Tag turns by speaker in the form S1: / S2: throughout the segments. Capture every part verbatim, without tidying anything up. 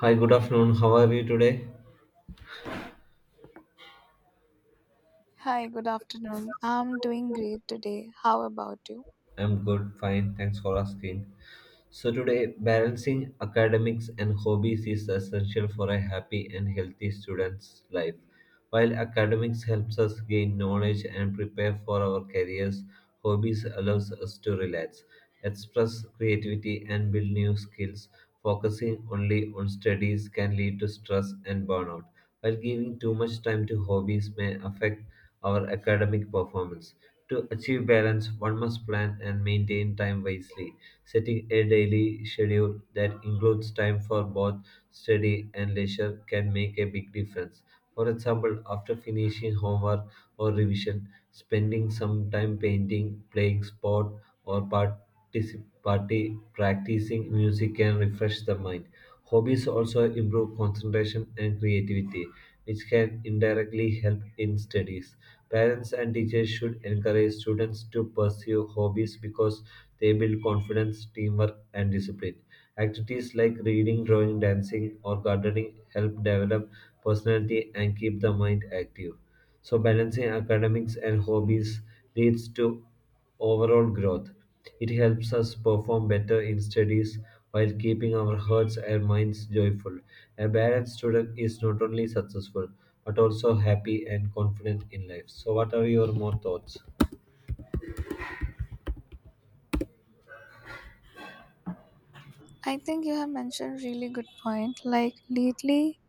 S1: Hi, good afternoon. How are you today?
S2: Hi, good afternoon. I'm doing great today. How about you?
S1: I'm good, fine. Thanks for asking. So, today, balancing academics and hobbies is essential for a happy and healthy student's life. While academics helps us gain knowledge and prepare for our careers, hobbies allows us to relax, express creativity, and build new skills. Focusing only on studies can lead to stress and burnout, while giving too much time to hobbies may affect our academic performance. To achieve balance, one must plan and maintain time wisely, setting a daily schedule that includes time for both study and leisure can make a big difference. For example, after finishing homework or revision, spending some time painting, playing sport, or particip- party, practicing music can refresh the mind. Hobbies also improve concentration and creativity, which can indirectly help in studies. Parents and teachers should encourage students to pursue hobbies because they build confidence, teamwork, and discipline. Activities like reading, drawing, dancing, or gardening help develop personality and keep the mind active. So balancing academics and hobbies leads to overall growth. It helps us perform better in studies while keeping our hearts and minds joyful. A balanced student is not only successful but also happy and confident in life. So what are your more thoughts?
S2: I think you have mentioned really good point. Like lately,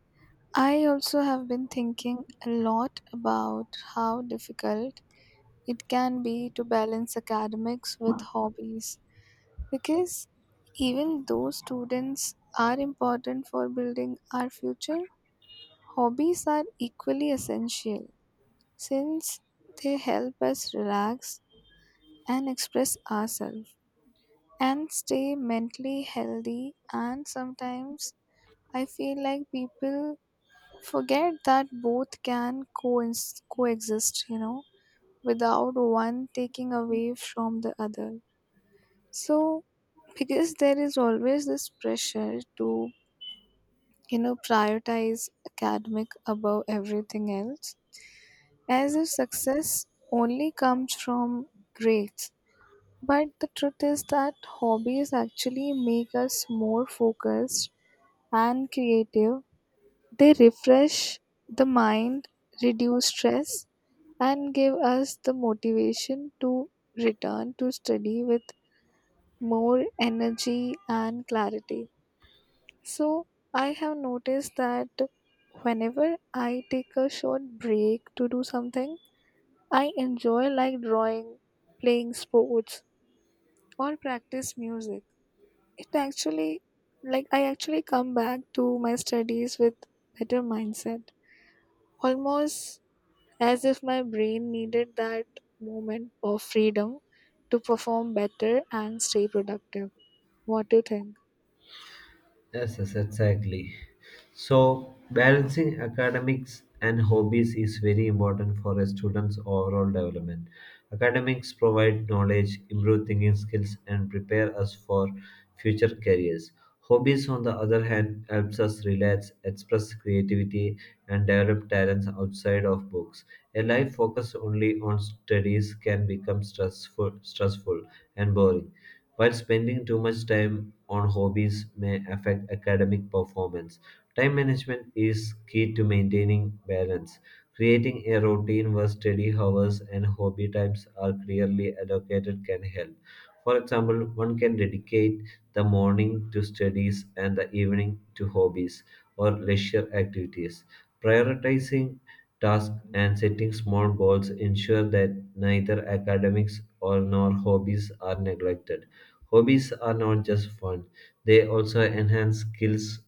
S2: I also have been thinking a lot about how difficult it can be to balance academics with hobbies because even though students are important for building our future, hobbies are equally essential since they help us relax and express ourselves. and stay mentally healthy. And sometimes I feel like people forget that both can coins coexist, you know, without one taking away from the other. So, because there is always this pressure to, you know, prioritize academic above everything else, as if success only comes from grades. But the truth is that hobbies actually make us more focused and creative. They refresh the mind, reduce stress, and give us the motivation to return to study with more energy and clarity. So, I have noticed that whenever I take a short break to do something, I enjoy like drawing, playing sports, or practice music. It actually like I actually come back to my studies with better mindset. almost as if my brain needed that moment of freedom to perform better and stay productive. What do you think?
S1: Yes, yes, exactly. So, balancing academics and hobbies is very important for a student's overall development. Academics provide knowledge, improve thinking skills, and prepare us for future careers. Hobbies, on the other hand, helps us relax, express creativity, and develop talents outside of books. A life focused only on studies can become stressful, stressful and boring while spending too much time on hobbies may affect academic performance. Time management is key to maintaining balance. Creating a routine where study hours and hobby times are clearly allocated can help. For example, one can dedicate the morning to studies and the evening to hobbies or leisure activities. Prioritizing tasks and setting small goals ensure that neither academics or nor hobbies are neglected. Hobbies are not just fun, they also enhance skills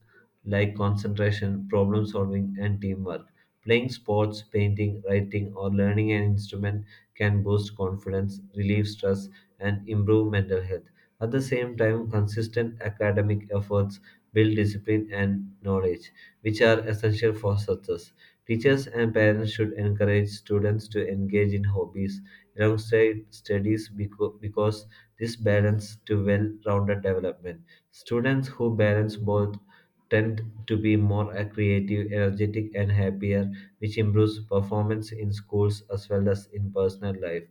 S1: like concentration, problem solving, and teamwork. Playing sports, painting, writing, or learning an instrument can boost confidence, relieve stress, and improve mental health. At the same time, consistent academic efforts build discipline and knowledge, which are essential for success. Teachers and parents should encourage students to engage in hobbies alongside studies becau- because this balance to well-rounded development. Students who balance both tend to be more uh, creative, energetic, and happier, which improves performance in schools as well as in personal life.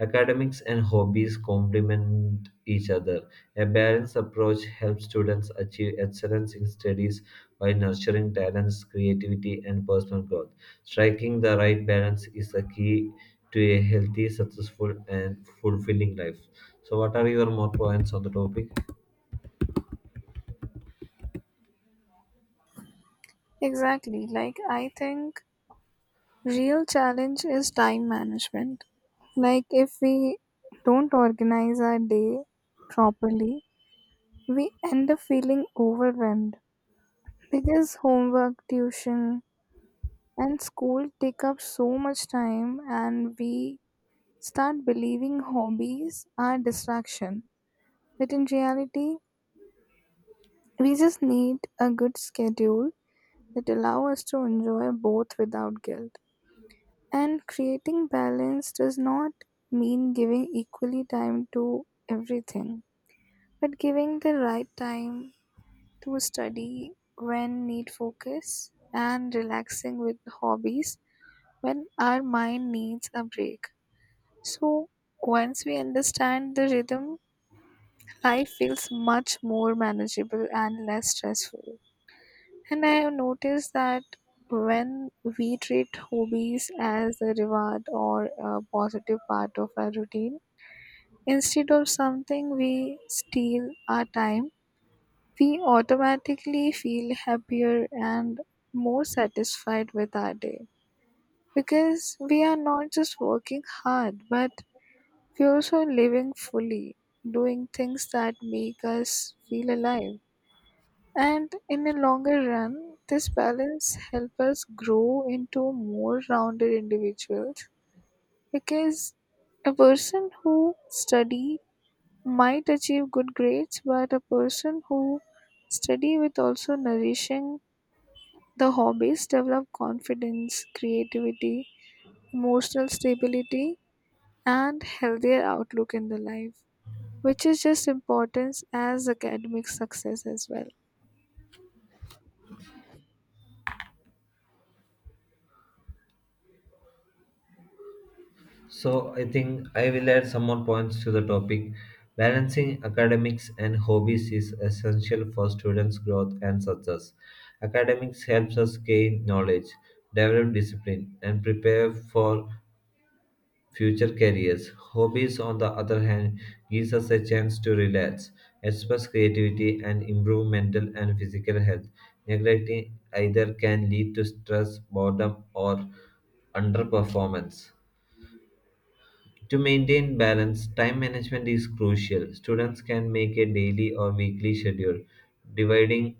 S1: Academics and hobbies complement each other. A balanced approach helps students achieve excellence in studies while nurturing talents, creativity, and personal growth. Striking the right balance is a key to a healthy, successful, and fulfilling life. So, what are your more points on the topic?
S2: Exactly. Like, I think real challenge is time management. Like, if we don't organize our day properly, we end up feeling overwhelmed because homework, tuition, and school take up so much time, and we start believing hobbies are distraction. But in reality, we just need a good schedule that allow us to enjoy both without guilt. And creating balance does not mean giving equally time to everything, but giving the right time to study when need focus and relaxing with hobbies when our mind needs a break. So once we understand the rhythm, life feels much more manageable and less stressful. And I have noticed that when we treat hobbies as a reward or a positive part of our routine, instead of something we steal our time, we automatically feel happier and more satisfied with our day. Because we are not just working hard, but we're also living fully, doing things that make us feel alive. And in a longer run, this balance helps us grow into more rounded individuals because a person who study might achieve good grades, but a person who study with also nourishing the hobbies develop confidence, creativity, emotional stability, and healthier outlook in the life, which is just important as academic success as well.
S1: So, I think I will add some more points to the topic. Balancing academics and hobbies is essential for students' growth and success. Academics helps us gain knowledge, develop discipline, and prepare for future careers. Hobbies, on the other hand, gives us a chance to relax, express creativity, and improve mental and physical health. Neglecting either can lead to stress, boredom, or underperformance. To maintain balance, time management is crucial. Students can make a daily or weekly schedule, dividing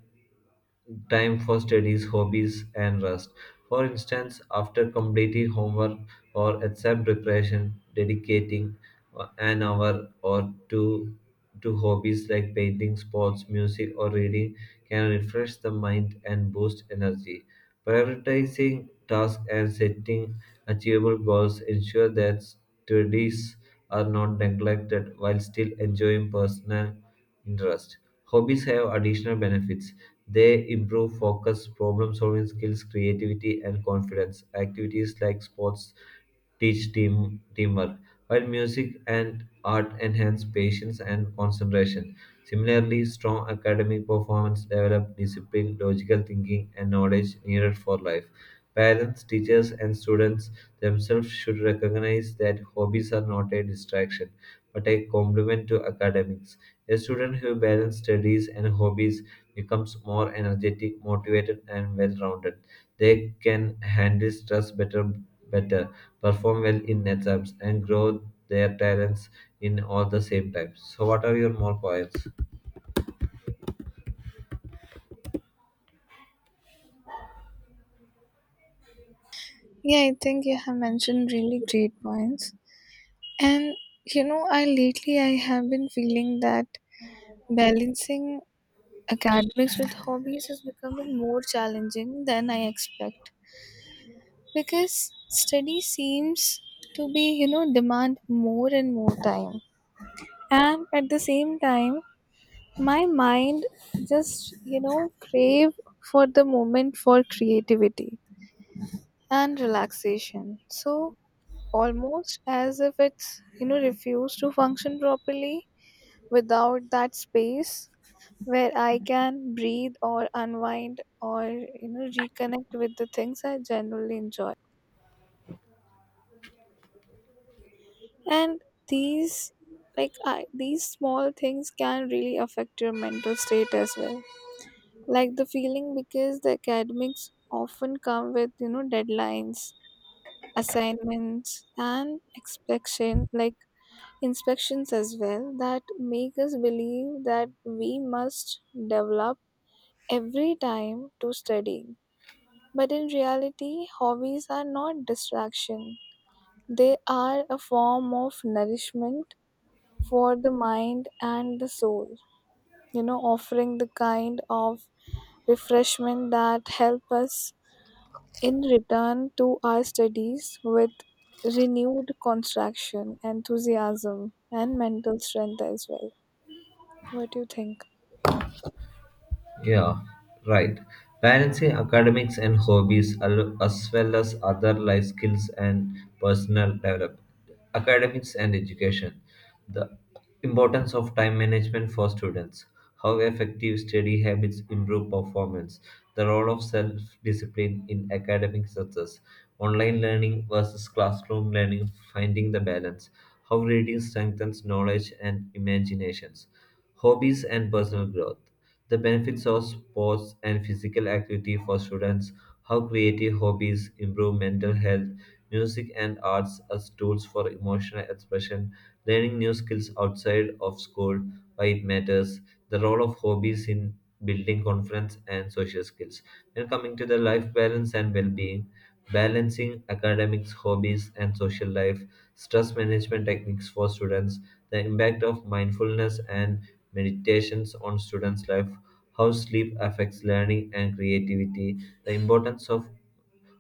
S1: time for studies, hobbies, and rest. For instance, after completing homework or exam preparation, dedicating uh, an hour or two to hobbies like painting, sports, music, or reading can refresh the mind and boost energy. Prioritizing tasks and setting achievable goals ensure that studies are not neglected while still enjoying personal interest. Hobbies have additional benefits. They improve focus, problem solving skills, creativity, and confidence. Activities like sports teach team, teamwork, while music and art enhance patience and concentration. Similarly, strong academic performance develop discipline, logical thinking, and knowledge needed for life. Parents, teachers, and students themselves should recognize that hobbies are not a distraction but a complement to academics. A student who balances studies and hobbies becomes more energetic, motivated, and well rounded. They can handle stress better, better, perform well in exams, and grow their talents in all the same time. So, what are your more points?
S2: Yeah, I think you have mentioned really great points. And you know, I lately I have been feeling that balancing academics with hobbies is becoming more challenging than I expect because study seems to be, you know, demand more and more time. And at the same time, my mind just, you know, crave for the moment for creativity and relaxation. So almost as if it's, you know, refused to function properly without that space where I can breathe or unwind or you know reconnect with the things I genuinely enjoy. And these like I, these small things can really affect your mental state as well. Like the feeling because the academics often come with you know deadlines, assignments and inspection like inspections as well that make us believe that we must develop every time to studying. But in reality, hobbies are not distraction. They are a form of nourishment for the mind and the soul, you know, offering the kind of refreshment that help us in return to our studies with renewed construction, enthusiasm, and mental strength as well. What do you think?
S1: Yeah, right. Balancing academics and hobbies al- as well as other life skills and personal development. Academics and education. The importance of time management for students. How effective study habits improve performance. The role of self discipline in academic success. Online learning versus classroom learning. Finding the balance. How reading strengthens knowledge and imaginations. Hobbies and personal growth the benefits of sports and physical activity for students, how creative hobbies improve mental health, music and arts as tools for emotional expression, learning new skills outside of school, why it matters, the role of hobbies in building confidence and social skills. Then coming to the life balance and well-being, balancing academics, hobbies, and social life, stress management techniques for students, the impact of mindfulness and meditations on students' life, how sleep affects learning and creativity, the importance of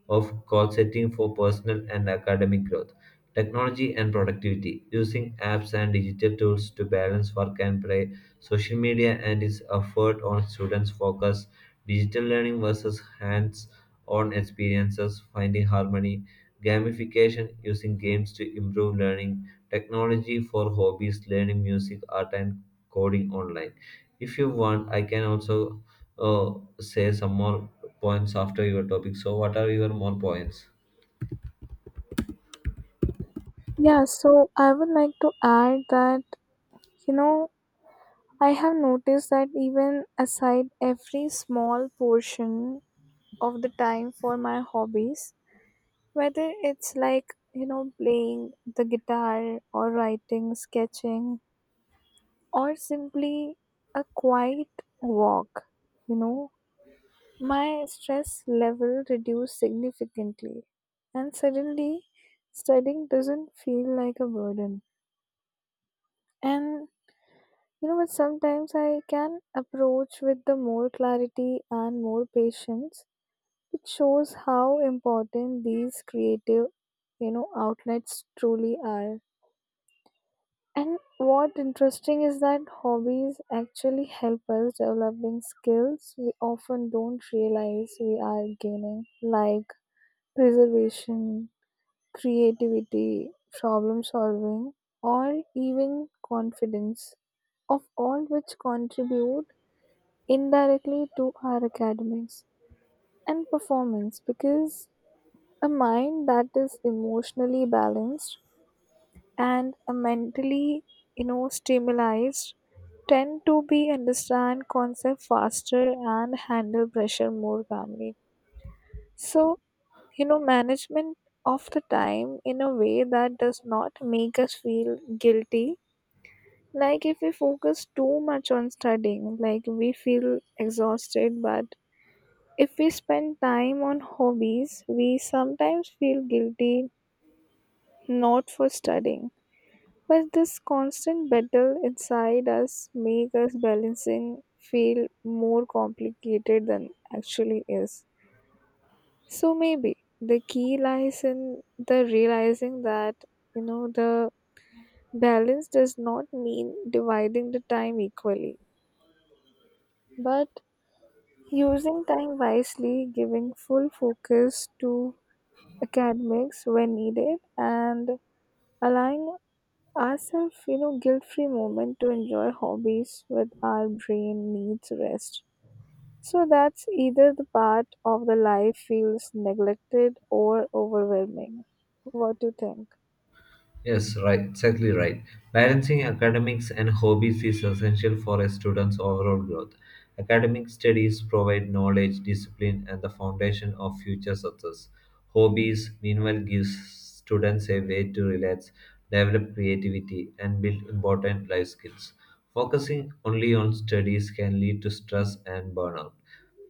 S1: of goal setting for personal and academic growth. Technology and productivity using apps and digital tools to balance work and play, social media and its effort on students' focus, digital learning versus hands on experiences, finding harmony, gamification using games to improve learning, technology for hobbies, learning music, art, and coding online. If you want, I can also Oh, say some more points after your topic. So, what are your more points?
S2: Yeah, so I would like to add that, you know, I have noticed that even aside every small portion of the time for my hobbies, whether it's like, you know, playing the guitar or writing, sketching, or simply a quiet walk, you know, my stress level reduced significantly. And suddenly, studying doesn't feel like a burden. And You know what? Sometimes I can approach with the more clarity and more patience. It shows how important these creative, you know, outlets truly are. And what interesting is that hobbies actually help us developing skills we often don't realize we are gaining, like preservation, creativity, problem solving, or even confidence of all which contribute indirectly to our academics and performance because a mind that is emotionally balanced and a mentally you know stimulated tend to be understand concept faster and handle pressure more calmly, so you know management of the time in a way that does not make us feel guilty, like if we focus too much on studying like we feel exhausted but If we spend time on hobbies, we sometimes feel guilty not for studying. But this constant battle inside us makes us balancing feel more complicated than actually is. So maybe the key lies in the realizing that you know the balance does not mean dividing the time equally, but using time wisely, giving full focus to academics when needed and allowing ourselves you know guilt-free moment to enjoy hobbies with our brain needs rest, so that's either the part of the life feels neglected or overwhelming. What do you think?
S1: Yes, right, exactly right. Balancing academics and hobbies is essential for a student's overall growth. Academic studies provide knowledge, discipline, and the foundation of future success. Hobbies, meanwhile, gives students a way to relax, develop creativity, and build important life skills. Focusing only on studies can lead to stress and burnout,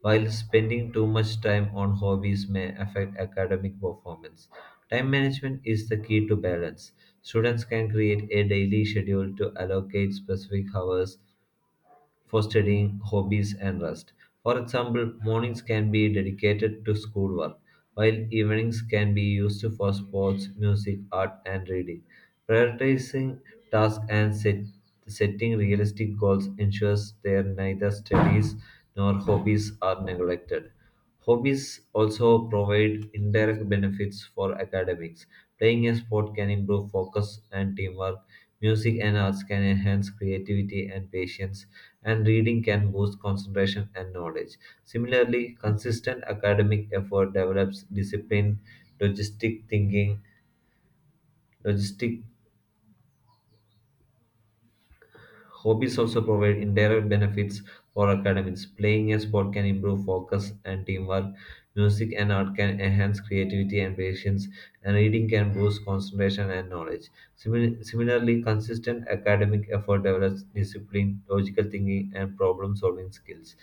S1: while spending too much time on hobbies may affect academic performance. Time management is the key to balance. Students can create a daily schedule to allocate specific hours for studying, hobbies, and rest. For example, mornings can be dedicated to schoolwork, while evenings can be used for sports, music, art, and reading. Prioritizing tasks and set- setting realistic goals ensures that neither studies nor hobbies are neglected. Hobbies also provide indirect benefits for academics. Playing a sport can improve focus and teamwork. Music and arts can enhance creativity and patience, and reading can boost concentration and knowledge. Similarly, consistent academic effort develops discipline, logistic thinking, logistic Hobbies also provide indirect benefits for academics. Playing a sport can improve focus and teamwork. Music and art can enhance creativity and patience, and reading can boost concentration and knowledge. Simi- Similarly, consistent academic effort develops discipline, logical thinking, and problem solving skills.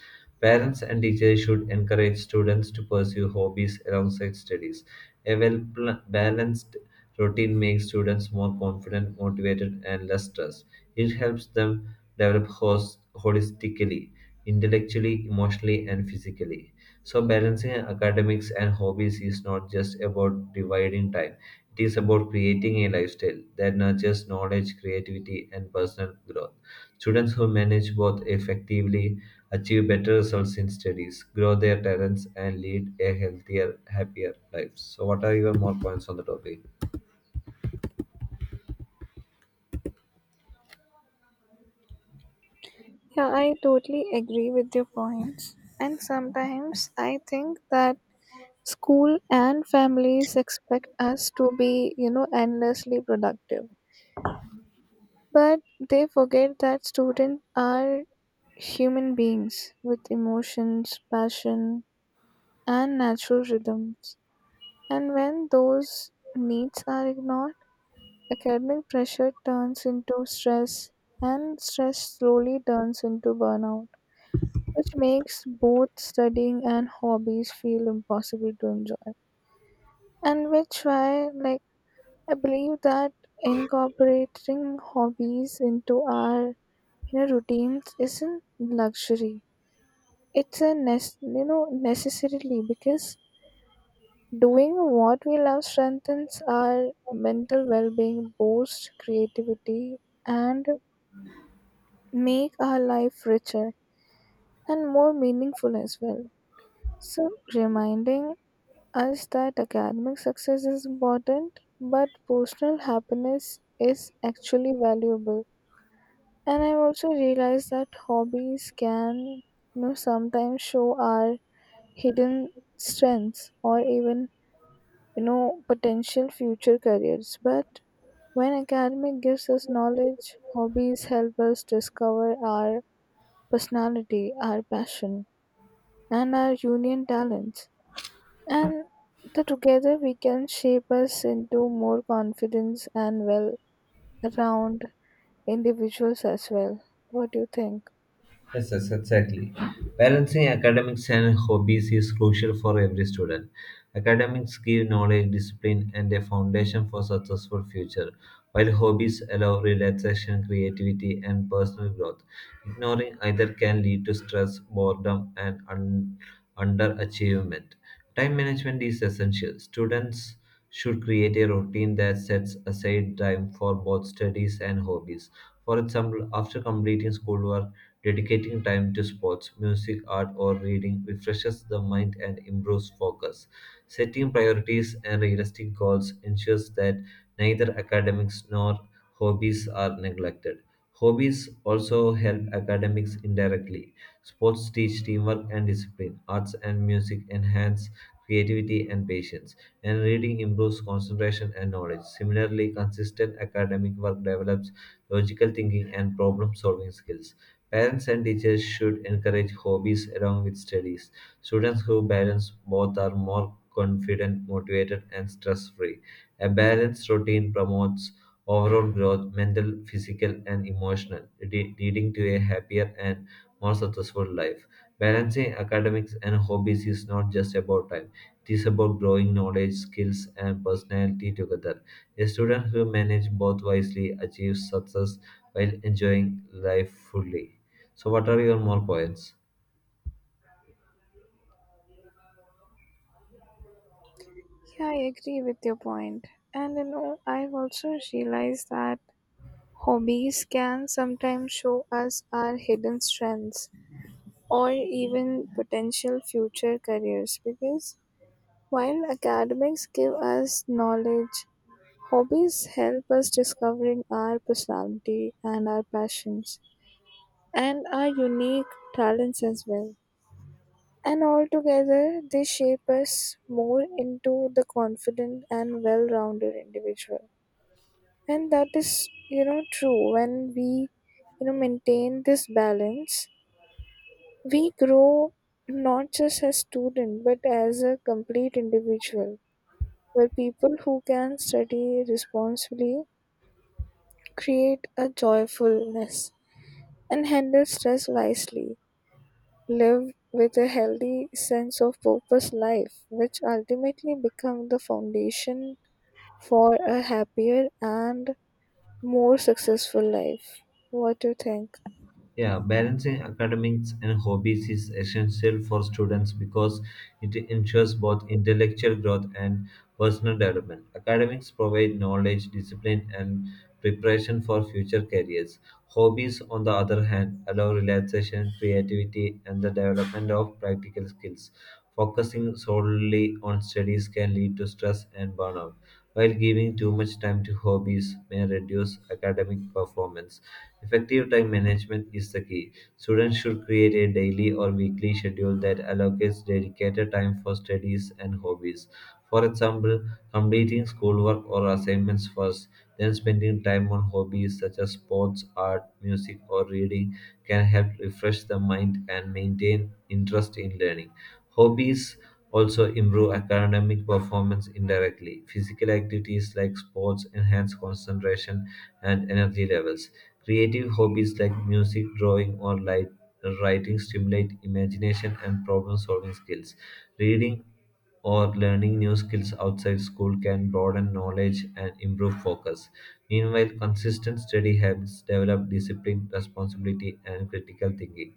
S1: Parents and teachers should encourage students to pursue hobbies alongside studies. A well pl- balanced routine makes students more confident, motivated, and less stressed. It helps them develop hos- holistically, intellectually, emotionally, and physically. So, balancing academics and hobbies is not just about dividing time, it is about creating a lifestyle that nurtures knowledge, creativity, and personal growth. Students who manage both effectively achieve better results in studies, grow their talents, and lead a healthier, happier life. So, what are your more points on the topic?
S2: Yeah, i totally agree with your points. And sometimes i think that school and families expect us to be you know endlessly productive, but they forget that students are Human beings with emotions, passion, and natural rhythms. And when those needs are ignored, academic pressure turns into stress, and stress slowly turns into burnout, which makes both studying and hobbies feel impossible to enjoy. And which why, like, I believe that incorporating hobbies into our you know, routines isn't luxury, it's a ness you know necessarily because doing what we love strengthens our mental well-being, boosts creativity, and make our life richer and more meaningful as well. So reminding us that academic success is important but personal happiness is actually valuable. And i also realized that hobbies can you know sometimes show our hidden strengths, or even you know, potential future careers. But when academic gives us knowledge, hobbies help us discover our personality, our passion, and our union talents. And the together we can shape us into more confidence and well round individuals as well. What do you think?
S1: Yes, yes, exactly. Balancing academics and hobbies is crucial for every student. Academics give knowledge, discipline, and a foundation for successful future, while hobbies allow relaxation, creativity, and personal growth. Ignoring either can lead to stress, boredom, and un- underachievement. Time management is essential. Students should create a routine that sets aside time for both studies and hobbies. For example, after completing schoolwork, dedicating time to sports, music, art, or reading refreshes the mind and improves focus. Setting priorities and realistic goals ensures that neither academics nor hobbies are neglected. Hobbies also help academics indirectly. Sports teach teamwork and discipline. Arts and music enhance creativity and patience. And reading improves concentration and knowledge. Similarly, consistent academic work develops logical thinking and problem solving skills. Parents and teachers should encourage hobbies along with studies. Students who balance both are more confident, motivated, and stress free. A balanced routine promotes overall growth, mental, physical, and emotional, le- leading to a happier and more successful life. Balancing academics and hobbies is not just about time, it is about growing knowledge, skills, and personality together. A student who manages both wisely achieves success while enjoying life fully. So, what are your more points?
S2: Yeah, I agree with your point. And you know, I've also realized that hobbies can sometimes show us our hidden strengths, or even potential future careers because while academics give us knowledge, hobbies help us discovering our personality and our passions and our unique talents as well. And altogether they shape us more into the confident and well-rounded individual, and that is you know true when we you know maintain this balance. We grow not just as student but as a complete individual. We're people who can study responsibly, create a joyfulness, and handle stress wisely. Live with a healthy sense of purpose life, which ultimately become the foundation for a happier and more successful life. What do you think?
S1: Yeah, balancing academics and hobbies is essential for students because it ensures both intellectual growth and personal development. Academics provide knowledge, discipline, and preparation for future careers. Hobbies, on the other hand, allow relaxation, creativity, and the development of practical skills. Focusing solely on studies can lead to stress and burnout while giving too much time to hobbies may reduce academic performance. Effective time management is the key. Students should create a daily or weekly schedule that allocates dedicated time for studies and hobbies. For example, completing schoolwork or assignments first, then spending time on hobbies such as sports, art, music, or reading can help refresh the mind and maintain interest in learning. Hobbies also improve academic performance indirectly. Physical activities like sports enhance concentration and energy levels. Creative hobbies like music, drawing, or light, writing stimulate imagination and problem solving skills. Reading or learning new skills outside school can broaden knowledge and improve focus. Meanwhile, consistent study helps develop discipline, responsibility, and critical thinking.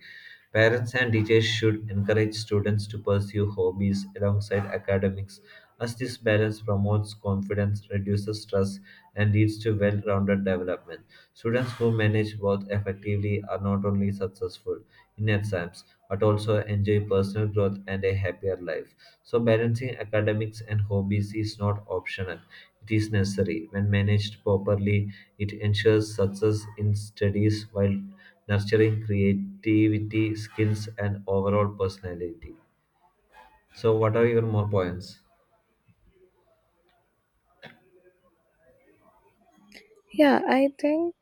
S1: Parents and teachers should encourage students to pursue hobbies alongside academics, as this balance promotes confidence, reduces stress, and leads to well rounded development. Students who manage both effectively are not only successful in exams but also enjoy personal growth and a happier life. So, balancing academics and hobbies is not optional, it is necessary. When managed properly, it ensures success in studies while nurturing creativity, skills, and overall personality. So, what are your more points?
S2: Yeah, I think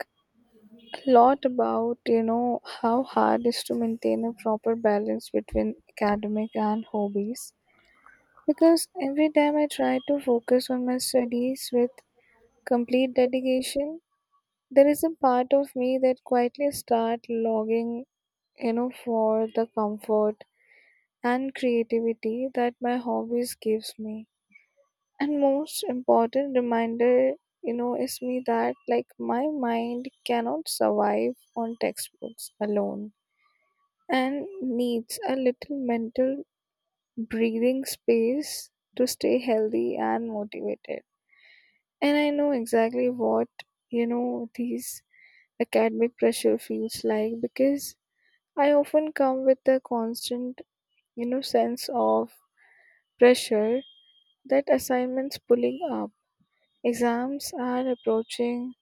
S2: lot about you know how hard is to maintain a proper balance between academic and hobbies, because every time i try to focus on my studies with complete dedication, there is a part of me that quietly start logging, you know for the comfort and creativity that my hobbies gives me. And most important reminder you know is me that like my mind cannot survive on textbooks alone and needs a little mental breathing space to stay healthy and motivated. And I know exactly what, you know, these academic pressure feels like because I often come with the constant, you know, sense of pressure that assignments pulling up, exams are approaching,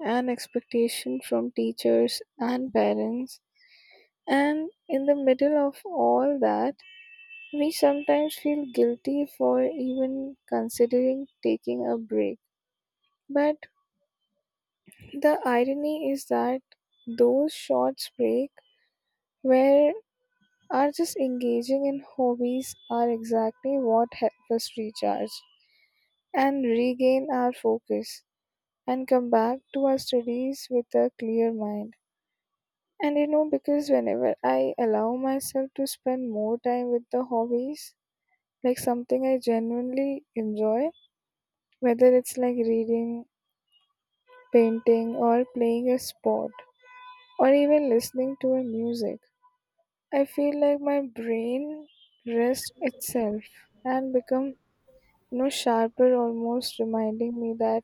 S2: and expectation from teachers and parents. And in the middle of all that, We sometimes feel guilty for even considering taking a break. But the irony is that those short breaks where are just engaging in hobbies are exactly what help us recharge and regain our focus and come back to our studies with a clear mind. And you know, because whenever I allow myself to spend more time with the hobbies, like something I genuinely enjoy, whether it's like reading, painting or playing a sport or even listening to a music, i feel like my brain rests itself and become you know sharper, almost reminding me that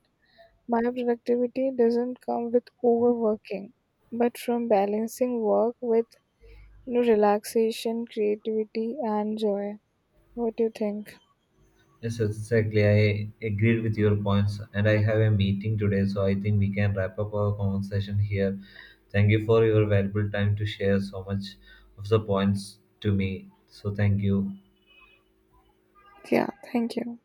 S2: my productivity doesn't come with overworking but from balancing work with you know relaxation, creativity, and joy. What do you think?
S1: Yes, exactly. I agreed with your points, and I have a meeting today, so I think we can wrap up our conversation here. Thank you for your valuable time to share so much of the points to me. So, thank you.
S2: Yeah, thank you.